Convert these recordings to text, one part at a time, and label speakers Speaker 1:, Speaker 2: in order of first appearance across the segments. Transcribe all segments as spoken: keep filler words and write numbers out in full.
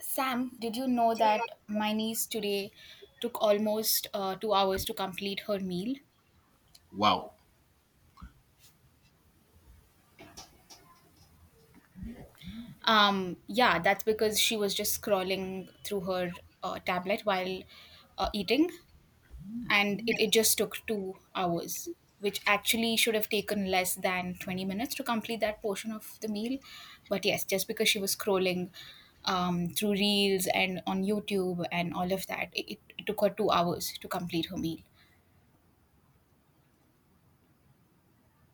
Speaker 1: Sam, did you know that my niece today took almost uh, two hours to complete her meal?
Speaker 2: Wow.
Speaker 1: Um, yeah, that's because she was just scrolling through her uh, tablet while uh, eating, and it, it just took two hours, which actually should have taken less than twenty minutes to complete that portion of the meal. But yes, just because she was scrolling um, through reels and on YouTube and all of that, it, it it took her two hours to complete her meal.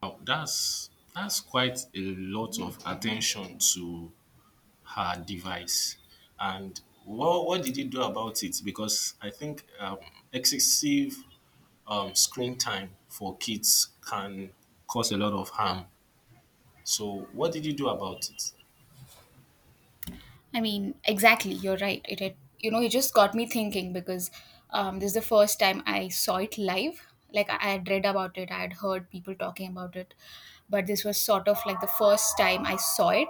Speaker 2: Wow, that's that's quite a lot of attention to her device. And what what did you do about it? Because I think um, excessive um, screen time for kids can cause a lot of harm. So what did you do about it?
Speaker 1: I mean, exactly, you're right. It, had, you know, it just got me thinking because um, this is the first time I saw it live. Like I I had read about it, I had heard people talking about it, but this was sort of like the first time I saw it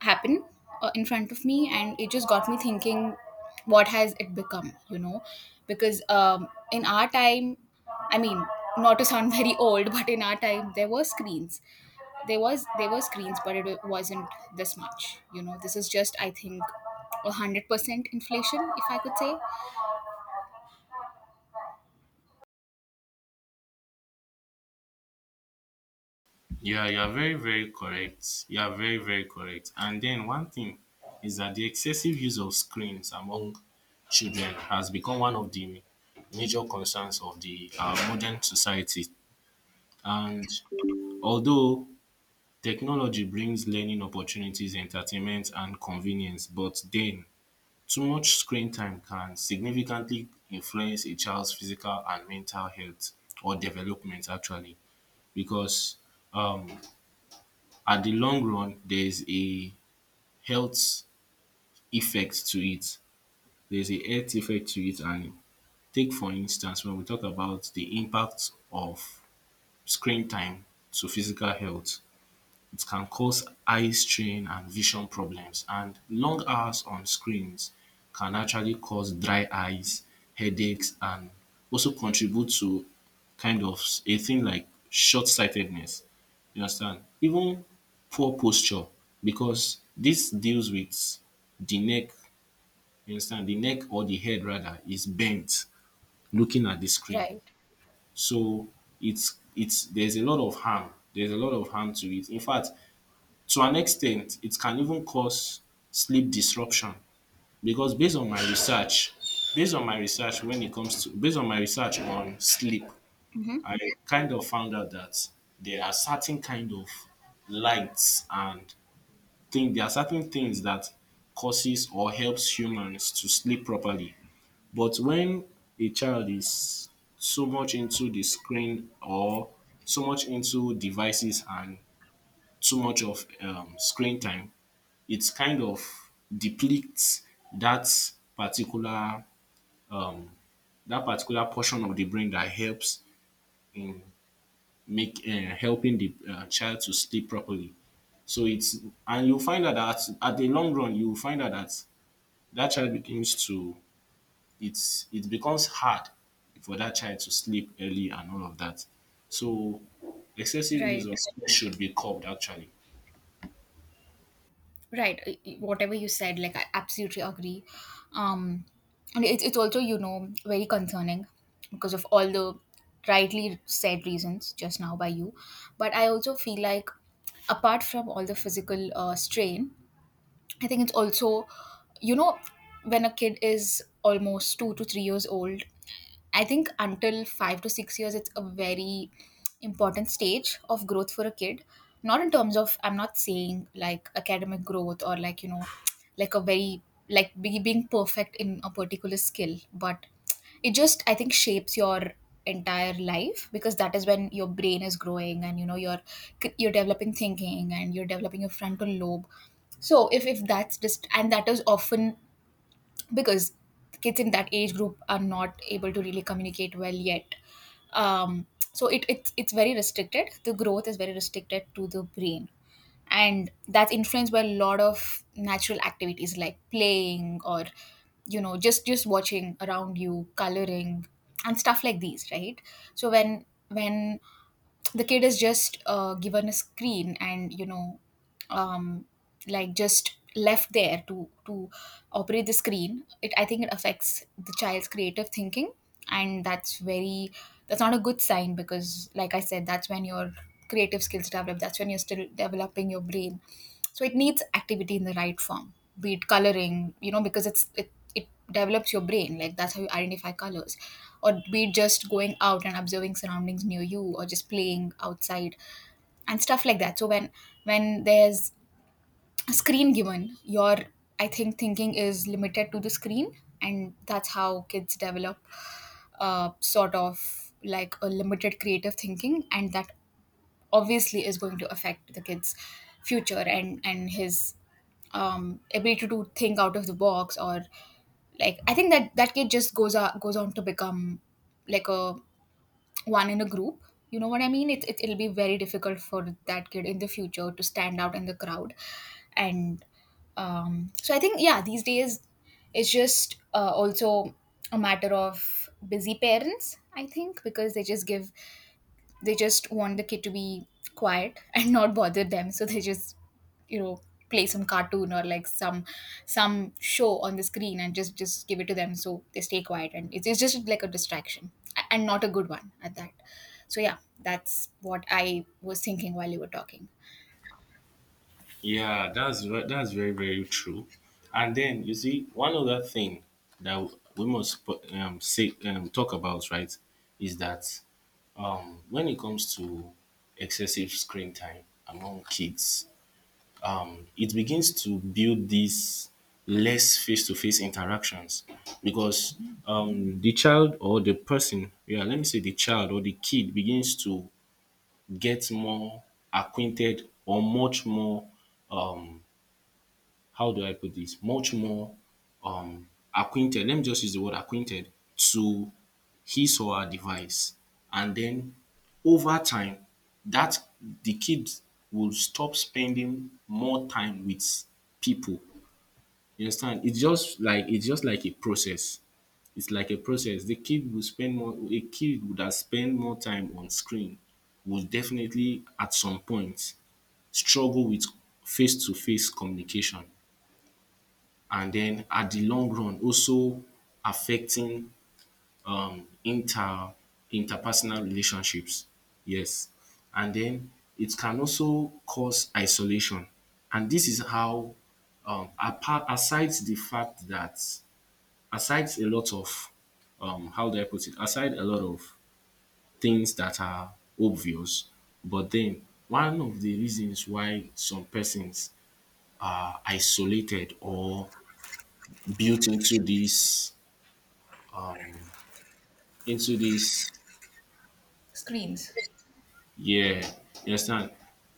Speaker 1: happen uh, in front of me, and it just got me thinking, what has it become? You know, because um, in our time, I mean, not to sound very old, but in our time there were screens. There was there were screens, but it wasn't this much. You know, this is just, I think, a 100% inflation, if I could say.
Speaker 2: Yeah, you are very, very correct. You are very, very correct. And then one thing is that the excessive use of screens among children has become one of the major concerns of the uh, modern society. And although technology brings learning opportunities, entertainment, and convenience, but then too much screen time can significantly influence a child's physical and mental health or development, actually, because um, at the long run there is a health effect to it. There's a health effect to it, and take for instance when we talk about the impact of screen time to physical health. It can cause eye strain and vision problems, and long hours on screens can actually cause dry eyes, headaches, and also contribute to kind of a thing like short sightedness. You understand? Even poor posture, because this deals with the neck, you understand? The neck, or the head rather, is bent looking at the screen.
Speaker 1: Right.
Speaker 2: So it's it's there's a lot of harm. There's a lot of harm to it. In fact, to an extent, it can even cause sleep disruption because based on my research based on my research when it comes to based on my research on sleep,
Speaker 1: mm-hmm.
Speaker 2: I kind of found out that there are certain kind of lights and thing there are certain things that causes or helps humans to sleep properly. But when a child is so much into the screen, or so much into devices and too much of um, screen time, it kind of depletes that particular um, that particular portion of the brain that helps in make uh, helping the uh, child to sleep properly. So it's, and you find out that at the long run you find out that that child begins to, it's it becomes hard for that child to sleep early and all of that. So excessive use
Speaker 1: Right.
Speaker 2: of screen should be curbed actually.
Speaker 1: Right. uh, y- Whatever you said, like, I absolutely agree. Um, and it's it's also, you know, very concerning because of all the rightly said reasons just now by you, but I also feel like apart from all the physical uh, strain, I think it's also, you know, when a kid is almost two to three years old, I think until five to six years, it's a very important stage of growth for a kid. Not in terms of, I'm not saying like academic growth, or like, you know, like a very, like be, being perfect in a particular skill, but it just, I think, shapes your entire life, because that is when your brain is growing, and you know, you're you're developing thinking, and you're developing your frontal lobe. So if if that's just, and that is often because kids in that age group are not able to really communicate well yet. um, so it, it it's very restricted. The growth is very restricted to the brain, and that's influenced by a lot of natural activities like playing, or you know, just just watching around you, coloring, and stuff like these. Right, so when when the kid is just uh, given a screen, and you know, um, like just left there to to operate the screen, it, I think it affects the child's creative thinking, and that's very, that's not a good sign, because like I said, that's when your creative skills develop, that's when you're still developing your brain. So it needs activity in the right form, be it coloring, you know, because it's it, it develops your brain, like that's how you identify colors, or be it just going out and observing surroundings near you, or just playing outside and stuff like that. So when when there's screen given, your, I think thinking is limited to the screen, and that's how kids develop uh, sort of like a limited creative thinking, and that obviously is going to affect the kid's future, and and his um, ability to think out of the box, or like I think that that kid just goes on goes on to become like a one in a group. You know what I mean, it, it, it'll be very difficult for that kid in the future to stand out in the crowd. And um, so I think, yeah, these days it's just uh, also a matter of busy parents, I think, because they just give they just want the kid to be quiet and not bother them, so they just, you know, play some cartoon, or like some some show on the screen and just just give it to them so they stay quiet, and it's, it's just like a distraction, a- and not a good one at that. So yeah, that's what I was thinking while you were talking.
Speaker 2: Yeah, that's ve- that's very very true. And then you see one other thing that we must put- um, say um, talk about, right, is that um, when it comes to excessive screen time among kids, um, it begins to build these less face-to-face interactions, because um, the child or the person, yeah, let me say the child or the kid begins to get more acquainted or much more um, how do I put this? Much more um acquainted. Let me just use the word acquainted to his or her device. And then over time, that the kid will stop spending more time with people. You understand? It's just like it's just like a process. It's like a process. The kid will spend more A kid would have spent more time on screen will definitely at some point struggle with face to face communication, and then at the long run also affecting um inter interpersonal relationships. Yes. And then it can also cause isolation. And this is how um apart aside the fact that aside a lot of um how do I put it? Aside a lot of things that are obvious, but then one of the reasons why some persons are isolated or built into this um into this,
Speaker 1: Screens.
Speaker 2: yeah, you understand.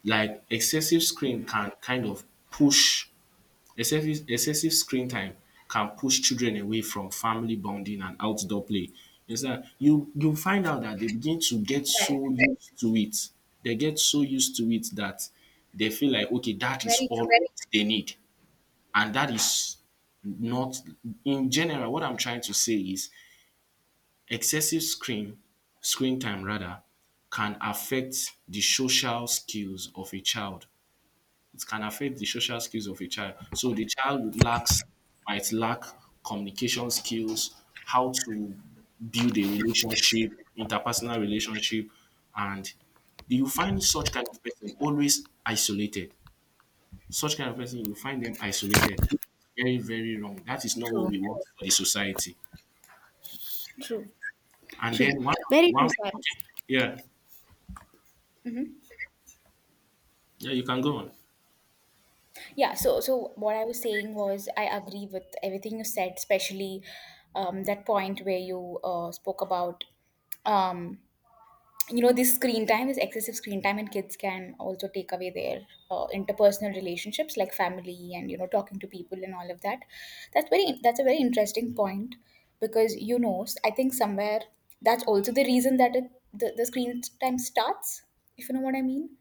Speaker 2: Like excessive screen can kind of push, excessive excessive screen time can push children away from family bonding and outdoor play. You understand, you you find out that they begin to get
Speaker 1: Right.
Speaker 2: so used to it, they get so used to it that they feel like okay, that is
Speaker 1: Very true.
Speaker 2: all they need. And that is not, in general what I'm trying to say is excessive screen screen time rather can affect the social skills of a child. It can affect the social skills of a child. So the child lacks, might lack communication skills, how to build a relationship, interpersonal relationship, and you find such kind of person always isolated. Such kind of person, you find them isolated. Very, very wrong. That is not what
Speaker 1: True.
Speaker 2: we want for the society.
Speaker 1: True.
Speaker 2: And
Speaker 1: True.
Speaker 2: then one,
Speaker 1: Very true,
Speaker 2: one,
Speaker 1: Sam.
Speaker 2: yeah.
Speaker 1: Mhm.
Speaker 2: Yeah, you can go on.
Speaker 1: Yeah, so so what I was saying was, I agree with everything you said, especially um, that point where you uh, spoke about um, you know, this screen time is excessive screen time, and kids can also take away their uh, interpersonal relationships, like family, and you know, talking to people and all of that. That's very, that's a very interesting point, because you know, s- I think somewhere that's also the reason that it, the the screen time starts, if you know what I mean.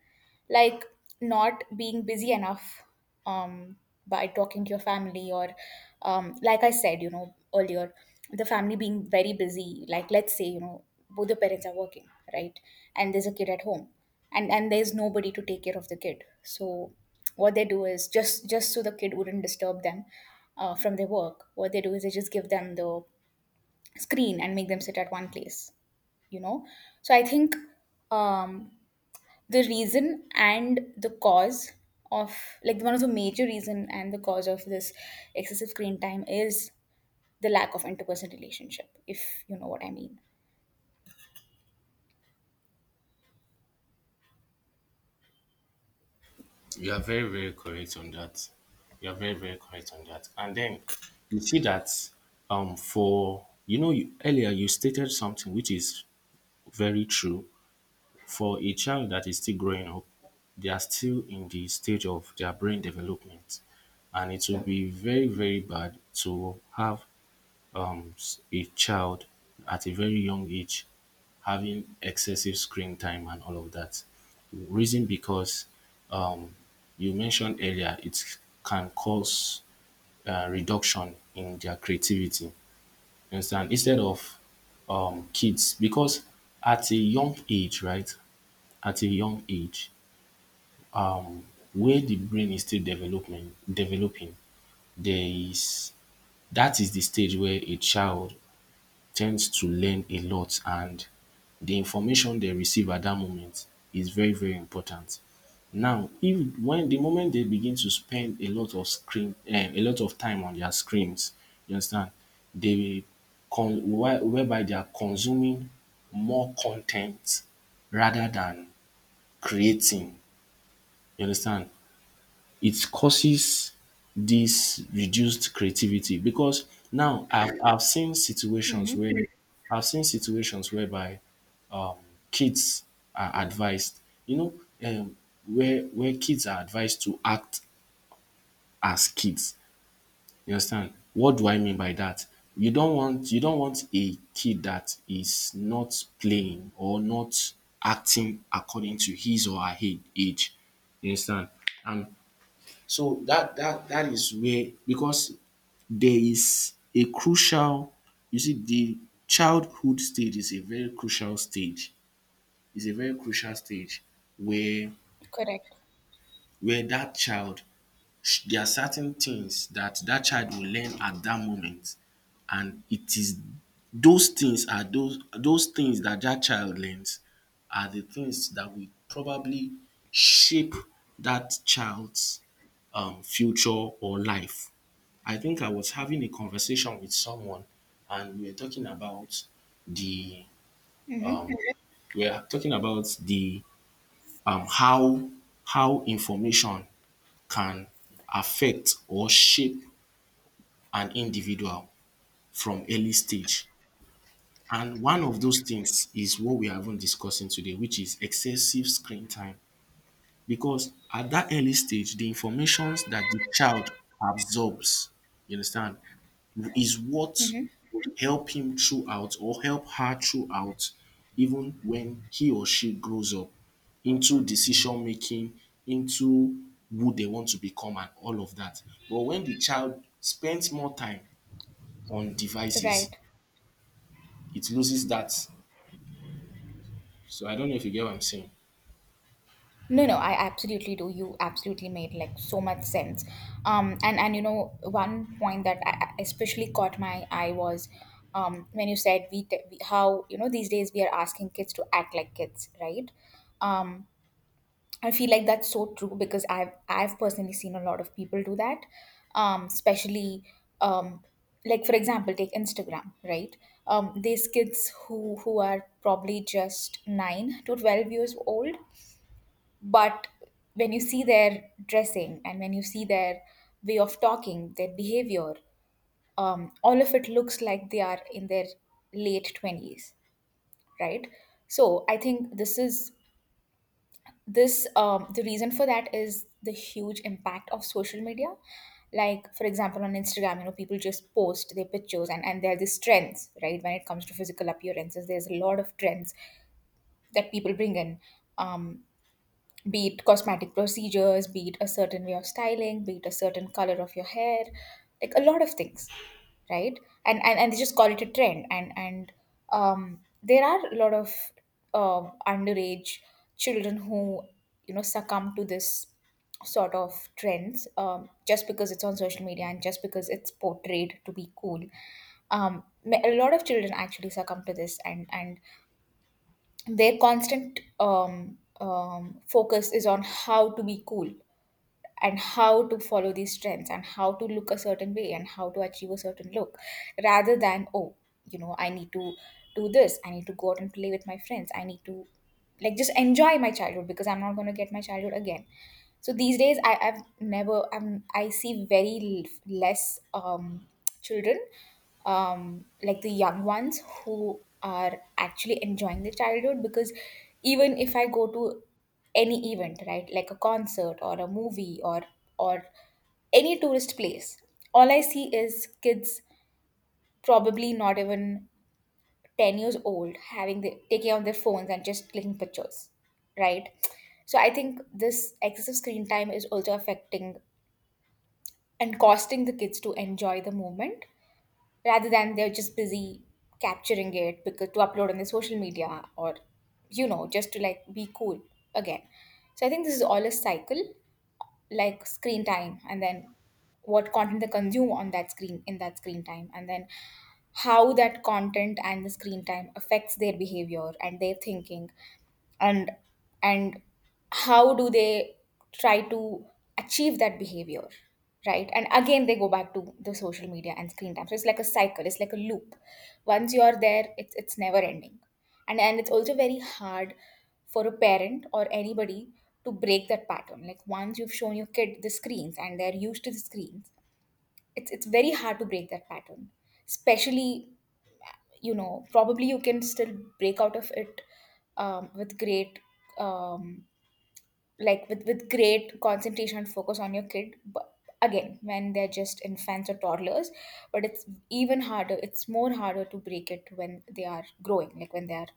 Speaker 1: Like, not being busy enough, um, by talking to your family, or um, like I said, you know, earlier, the family being very busy. Like let's say, you know, both the parents are working, right, and there's a kid at home, and and there's nobody to take care of the kid. So what they do is just just so the kid wouldn't disturb them uh, from their work, what they do is they just give them the screen and make them sit at one place, you know. So I think um the reason and the cause of, like, one of the major reason and the cause of this excessive screen time is the lack of interpersonal relationship, if you know what I mean.
Speaker 2: You are very, very correct on that. You are very, very correct on that. And then you see that um for you know you, earlier you stated something which is very true for a child that is still growing up. They are still in the stage of their brain development, and it will be very, very bad to have um s- a child at a very young age having excessive screen time and all of that. Reason, because you mentioned earlier, it can cause uh, reduction in their creativity. You understand? Instead of um, kids, because at a young age, right? At a young age, um, where the brain is still development developing, there is, that is the stage where a child tends to learn a lot, and the information they receive at that moment is very, very important. Now, if when the moment they begin to spend a lot of screen, eh, a lot of time on their screens, you understand, they con- where- whereby they are consuming more content rather than creating. You understand? It causes this reduced creativity because now I've, I've seen situations
Speaker 1: Mm-hmm.
Speaker 2: where I've seen situations whereby kids are advised, you know, um, where where kids are advised to act as kids. You understand? What do I mean by that? You don't want you don't want a kid that is not playing or not acting according to his or her he- age. You understand? And so that that that is where, because there is a crucial, you see the childhood stage is a very crucial stage, is a very crucial stage where
Speaker 1: Correct.
Speaker 2: where that child sh- there are certain things that that child will learn at that moment, and it is those things are those those things that that child learns are the things that will probably shape that child's um future or life. I think I was having a conversation with someone, and we were talking about the
Speaker 1: Mm-hmm.
Speaker 2: um, we were talking about the um, how how information can affect or shape an individual from early stage. And one of those things is what we are even discussing today, which is excessive screen time. Because at that early stage, the informations that the child absorbs, you understand, is what would help him throughout or help her throughout, even when he or she grows up into decision making, into who they want to become and all of that. But when the child spends more time on devices,
Speaker 1: Right.
Speaker 2: it loses that. So I don't know if you get what I'm saying.
Speaker 1: No, no, I absolutely do. You absolutely made like so much sense. Um and and you know, one point that I I especially caught my eye was um when you said we, te- we, how, you know, these days we are asking kids to act like kids, right? um I feel like that's so true, because I've I've personally seen a lot of people do that, um, especially um, like for example, take Instagram, right? Um, these kids who who are probably just nine to twelve years old, but when you see their dressing, and when you see their way of talking, their behavior, um, all of it looks like they are in their late twenties, right? So I think this is, this um, the reason for that is the huge impact of social media. Like for example, on Instagram, you know, people just post their pictures, and and there are these trends, right? When it comes to physical appearances, there's a lot of trends that people bring in, um be it cosmetic procedures, be it a certain way of styling, be it a certain color of your hair, like a lot of things, right? And and, and they just call it a trend. And and um, there are a lot of um, underage children who, you know, succumb to this sort of trends, um, just because it's on social media, and just because it's portrayed to be cool. Um, ma- a lot of children actually succumb to this, and and their constant um, um, focus is on how to be cool, and how to follow these trends, and how to look a certain way, and how to achieve a certain look, rather than, oh, you know, I need to do this, I need to go out and play with my friends, I need to, like, just enjoy my childhood, because I'm not going to get my childhood again. So these days I, I've never I'm, I see very l- less um, children, um, like the young ones who are actually enjoying their childhood, because even if I go to any event, right, like a concert or a movie, or or any tourist place, all I see is kids probably not even ten years old having the taking out their phones and just clicking pictures, right? So I think this excessive screen time is also affecting and costing the kids to enjoy the moment, rather than, they're just busy capturing it, because to upload on the social media, or you know, just to like be cool again. So I think this is all a cycle, like screen time, and then what content they consume on that screen, in that screen time, and then how that content and the screen time affects their behavior and their thinking, and and how do they try to achieve that behavior, right? And again, they go back to the social media and screen time. So it's like a cycle, it's like a loop. Once you are there, it's it's never ending. And and it's also very hard for a parent or anybody to break that pattern. Like, once you've shown your kid the screens, and they're used to the screens, it's it's very hard to break that pattern. Especially, you know, probably you can still break out of it um, with great um, like with with great concentration and focus on your kid. But again, when they're just infants or toddlers, but it's even harder, it's more harder to break it when they are growing, like when they are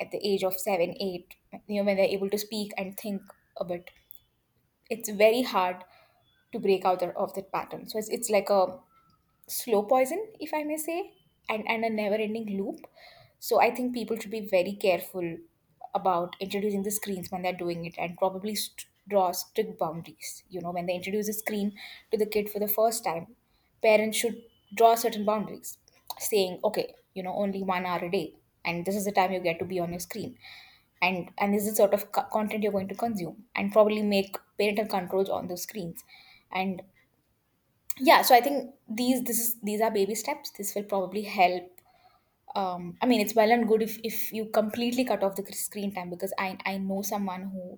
Speaker 1: at the age of seven, eight, you know, when they're able to speak and think a bit. It's very hard to break out of that pattern. So it's, it's like a slow poison, if I may say, and, and a never ending loop. So I think people should be very careful about introducing the screens when they're doing it and probably st- draw strict boundaries. You know, when they introduce a screen to the kid for the first time, parents should draw certain boundaries, saying, okay, you know, only one hour a day, and this is the time you get to be on your screen. And, and this is the sort of co- content you're going to consume and probably make parental controls on those screens and yeah. So I think these this is these are baby steps, this will probably help. um I mean, it's well and good if if you completely cut off the screen time, because i i know someone who,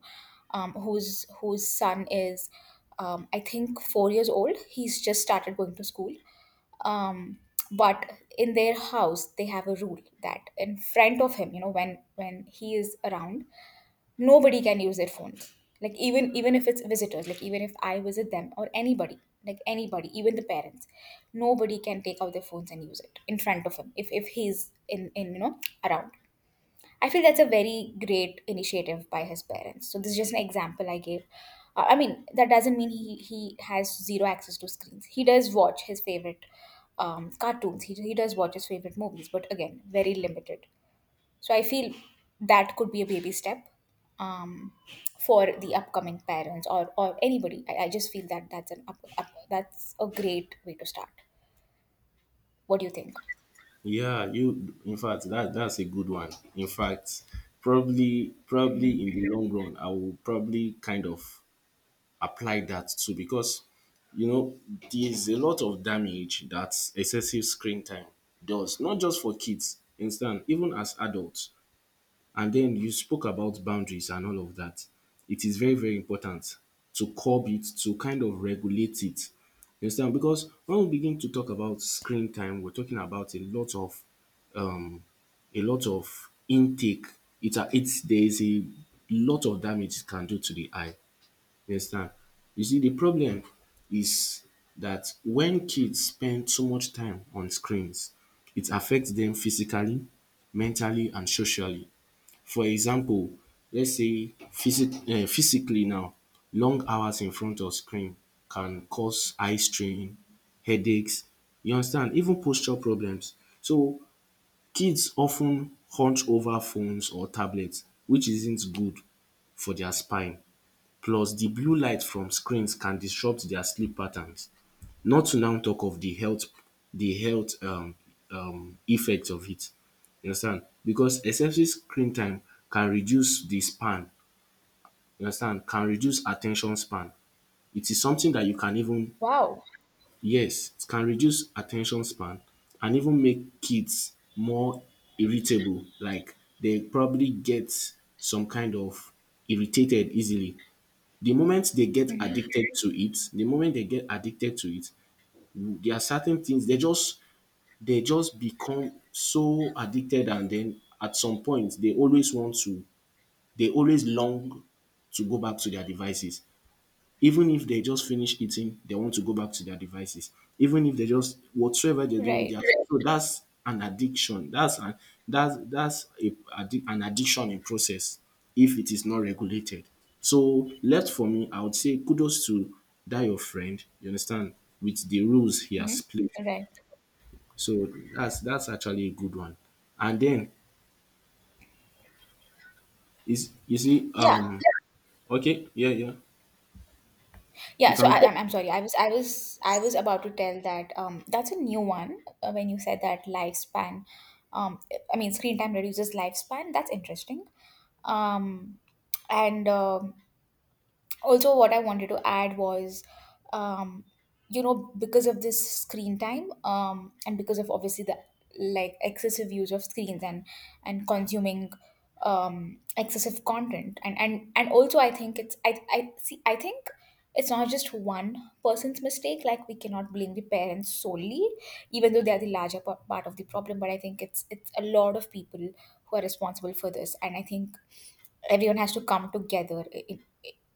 Speaker 1: um whose whose son is, um I think, four years old. He's just started going to school, um but in their house they have a rule that in front of him, you know, when when he is around, nobody can use their phones. Like even even if it's visitors, like even if I visit them or anybody, like anybody, even the parents, nobody can take out their phones and use it in front of him if if he's in in you know, around. I feel that's a very great initiative by his parents. So this is just an example I gave. uh, I mean, that doesn't mean he he has zero access to screens. He does watch his favorite um, cartoons, he, he does watch his favorite movies, but again, very limited. So I feel that could be a baby step, um, for the upcoming parents or or anybody. I, I just feel that that's an up, up, that's a great way to start. What do you think?
Speaker 2: Yeah, you in fact that that's a good one. In fact, probably probably in the long run, I will probably kind of apply that too, because you know there's a lot of damage that excessive screen time does, not just for kids, understand, even as adults. And then you spoke about boundaries and all of that. It is very, very important to curb it, to kind of regulate it. You understand? Because when we begin to talk about screen time, we're talking about a lot of um a lot of intake. It's a it's, there is a lot of damage it can do to the eye. You understand? You see the problem is that when kids spend too much time on screens, it affects them physically, mentally and socially. For example, let's say physic- um physically now, long hours in front of screen can cause eye strain, headaches, you understand, even posture problems. So kids of ten hunch over phones or tablets, which isn't good for their spine, plus the blue light from screens can disrupt their sleep patterns, not to now talk of the health, the health um um effect of it. You understand, because excessive screen time can reduce the span, you understand, can reduce at ten tion span. It is something that you can even,
Speaker 1: Wow.
Speaker 2: yes, it can reduce attention span and even make kids more irritable. Like they probably get some kind of irritated easily. The moment they get
Speaker 1: Hmm.
Speaker 2: addicted to it, the moment they get addicted to it, there are certain things they just, they just become so addicted, and then at some point they always want to, they always long to go back to their devices. Even if they just finish eating, they want to go back to their devices. Even if they just whatsoever they're doing, they are,
Speaker 1: Right.
Speaker 2: so that's an addiction. That's an that's that's a addic- an addiction in process if it is not regulated. So left for me, I would say kudos to that your friend, you understand, with the rules he
Speaker 1: Hmm.
Speaker 2: has played.
Speaker 1: Right.
Speaker 2: So that's that's actually a good one. And then is you see
Speaker 1: Yeah.
Speaker 2: um okay, yeah, yeah.
Speaker 1: Yeah.
Speaker 2: You
Speaker 1: So
Speaker 2: can.
Speaker 1: I, I'm, I'm sorry. I was I was I was about to tell that, um, that's a new one, uh, when you said that lifespan. Um, I mean, screen time reduces lifespan. That's interesting. Um, and um also, what I wanted to add was, um you know, because of this screen time, um and because of obviously the, like, excessive use of screens and and consuming um excessive content, and and and also I think it's, I I see I think it's not just one person's mistake. Like, we cannot blame the parents solely, even though they are the larger p- part of the problem, but I think it's it's a lot of people who are responsible for this. And I think everyone has to come together in,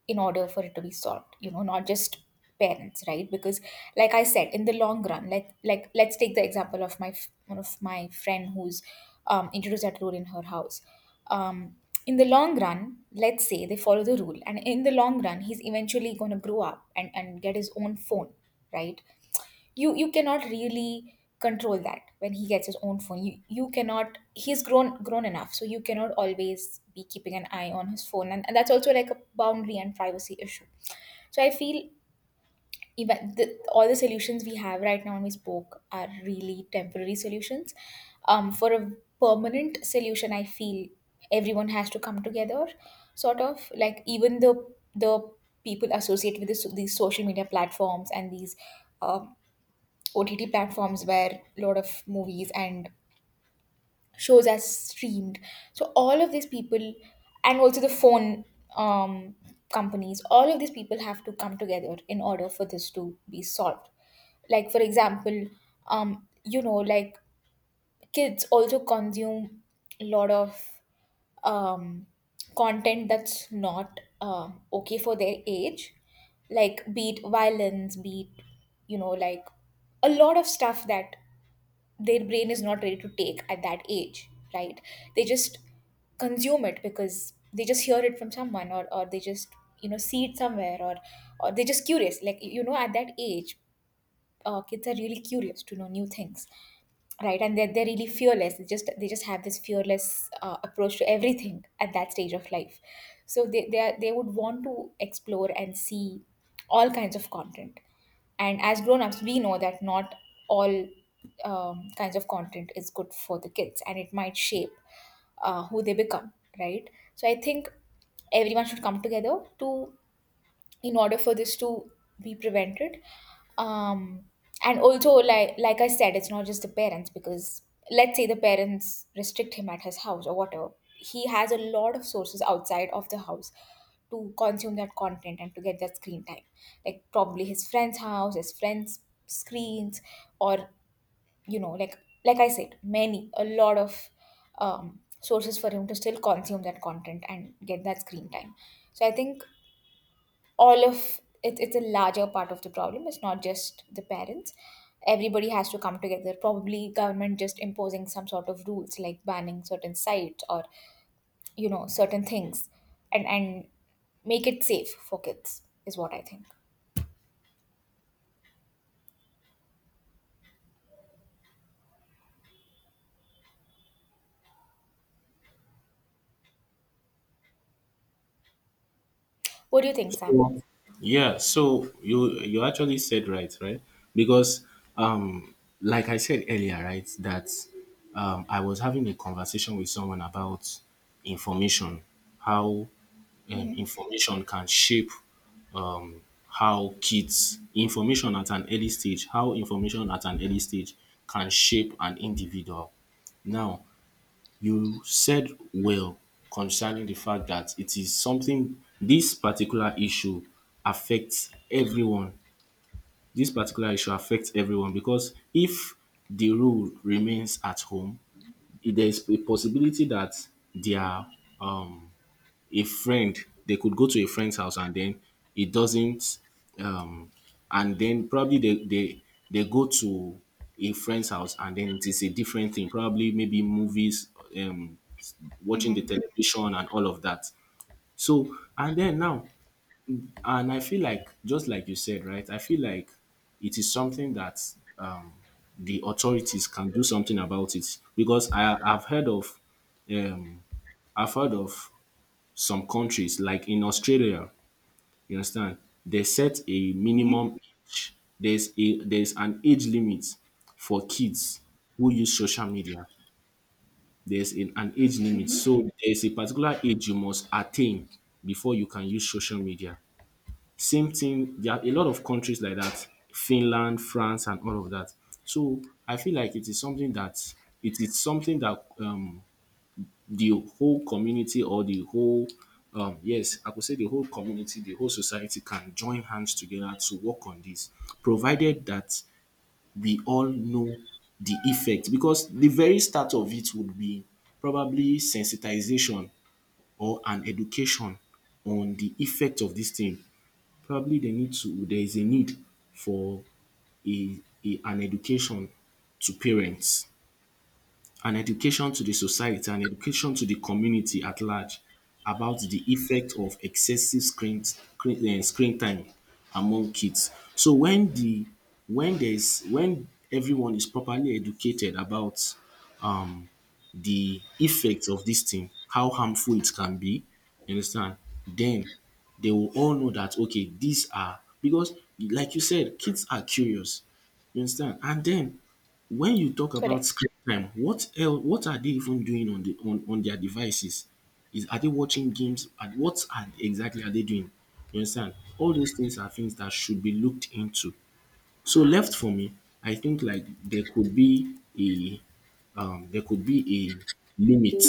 Speaker 1: in order for it to be solved, you know, not just parents, right? Because like I said, in the long run, like like let's take the example of my f- one of my friend who's um, introduced that rule in her house. um, in the long run, let's say they follow the rule, and in the long run, he's eventually going to grow up and and get his own phone, right? You you cannot really control that. When he gets his own phone, you you cannot he's grown grown enough, so you cannot always be keeping an eye on his phone. And, and that's also like a boundary and privacy issue. So I feel even the, all the solutions we have right now when we spoke are really temporary solutions. Um for a permanent solution, I feel everyone has to come together, sort of like even the the people associated with this, these social media platforms, and these um, O T T platforms where a lot of movies and shows are streamed. So all of these people, and also the phone um, companies, all of these people have to come together in order for this to be solved. Like, for example, um, you know, like, kids also consume a lot of um, content that's not uh, okay for their age, like beat violence, beat, you know, like a lot of stuff that their brain is not ready to take at that age, right? They just consume it because they just hear it from someone, or, or they just, you know, see it somewhere, or or they're just curious, like, you know, at that age, uh, kids are really curious to know new things, right? And they're, they're really fearless. They just, they just have this fearless uh, approach to everything at that stage of life. So they they, are, they would want to explore and see all kinds of content. And as grown-ups, we know that not all um, kinds of content is good for the kids, and it might shape uh, who they become, right? So I think everyone should come together to, in order for this to be prevented. um, and also, like like I said, it's not just the parents, because let's say the parents restrict him at his house or whatever, he has a lot of sources outside of the house to consume that content and to get that screen time. Like, probably his friend's house, his friend's screens, or, you know, like like I said, many, a lot of um, sources for him to still consume that content and get that screen time. So I think all of it, it's a larger part of the problem. It's not just the parents. Everybody has to come together. Probably government just imposing some sort of rules, like banning certain sites or, you know, certain things, and and make it safe for kids, is what I think. What do you think, Sam?
Speaker 2: Yeah, so you you actually said right, right? Because um like I said earlier, right, that um I was having a conversation with someone about information, how um,
Speaker 1: Mm-hmm.
Speaker 2: information can shape how kids information at an early stage, how information at an early stage can shape an individual. Now, you said, well, concerning the fact that it is something, this particular issue affects everyone. This particular issue affects everyone because if the rule remains at home, there is a possibility that their um a friend, they could go to a friend's house and then it doesn't um and then probably they they they go to a friend's house, and then it is a different thing, probably maybe movies, um watching the
Speaker 1: Mm-hmm.
Speaker 2: television and all of that. So and then now, and I feel like, just like you said right, I feel like it is something that um the authorities can do something about it, because i i've heard of um I've heard of some countries, like in Australia, you understand, they set a
Speaker 1: Mm-hmm.
Speaker 2: minimum age. There's a there's an age limit for kids who use social media. There's an, an age limit.
Speaker 1: Mm-hmm.
Speaker 2: So there's a particular age you must attain before you can use social media. Same thing, there are a lot of countries like that, Finland, France, and all of that. So I feel like it is something that it is something that um the whole community or the whole um yes, I could say the whole community, the whole society can join hands together to work on this, provided that we all know the effect, because the very start of it would be probably sensitization or an education on the effect of this thing. Probably they need to, there is a need for a a an education to parents, an education to the society and education to the community at large about the effect of excessive screen screen um screen time among kids. So when the when there is, when everyone is properly educated about um the effects of this thing, how harmful it can be, you understand, then they will all know that, okay, these are, because like you said, kids are curious. You understand? And then when you talk about
Speaker 1: Correct.
Speaker 2: screen time, what else? What are they even doing on the on on their devices? Is, are they watching games? And what are exactly are they doing? You understand? All those things are things that should be looked into. So left for me, I think like there could be a um there could be a limit.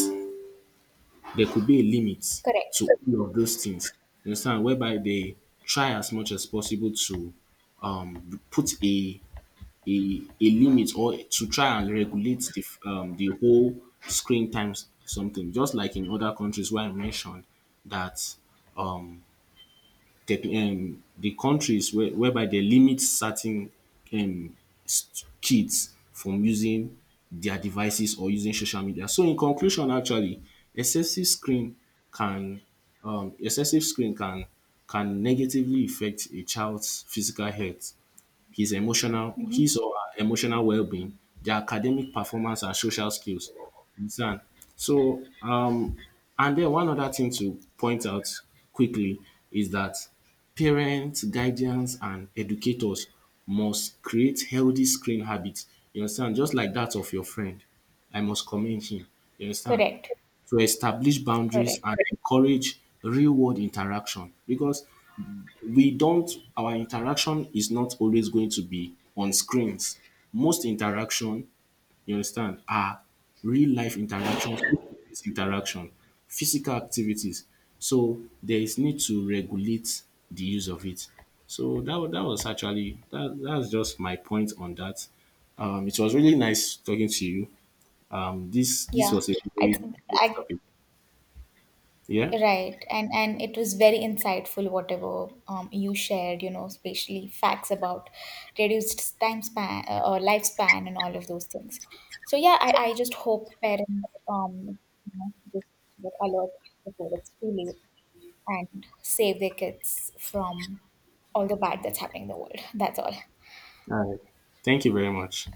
Speaker 2: There could be a limit
Speaker 1: Correct.
Speaker 2: to all of those things. You understand? Whereby they try as much as possible to um put a a a limit or to try and regulate the f- um, the whole screen times something, just like in other countries where I mentioned that um, tech, um the countries where, whereby they limit certain um, s- kids from using their devices or using social media. So in conclusion, actually, excessive screen can um, excessive screen can can negatively affect a child's physical health, his emotional
Speaker 1: Mm-hmm.
Speaker 2: his or her emotional well-being, their academic performance and social skills. You understand? So um and then one other thing to point out quickly is that parents, guardians and educators must create healthy screen habits. You understand? Just like that of your friend. I must commend him. You understand?
Speaker 1: Correct.
Speaker 2: To establish boundaries
Speaker 1: Correct.
Speaker 2: and encourage real world interaction, because we don't, our interaction is not always going to be on screens. Most interaction, you understand, are real life interaction, face-to-face interaction, physical activities. So there is need to regulate the use of it. So that, wa- that was actually that that's just my point on that. Um, it was really nice talking to you. Um, this this
Speaker 1: Yeah,
Speaker 2: was a
Speaker 1: I,
Speaker 2: really
Speaker 1: th-
Speaker 2: great
Speaker 1: I
Speaker 2: topic. Yeah.
Speaker 1: right, and and it was very insightful, whatever, um, you shared, you know, especially facts about reduced time span, uh, or lifespan and all of those things. So yeah, I, I just hope parents, um you know, just get alert before it's too late, and save their kids from all the bad that's happening in the world. That's all.
Speaker 2: Thank you very much.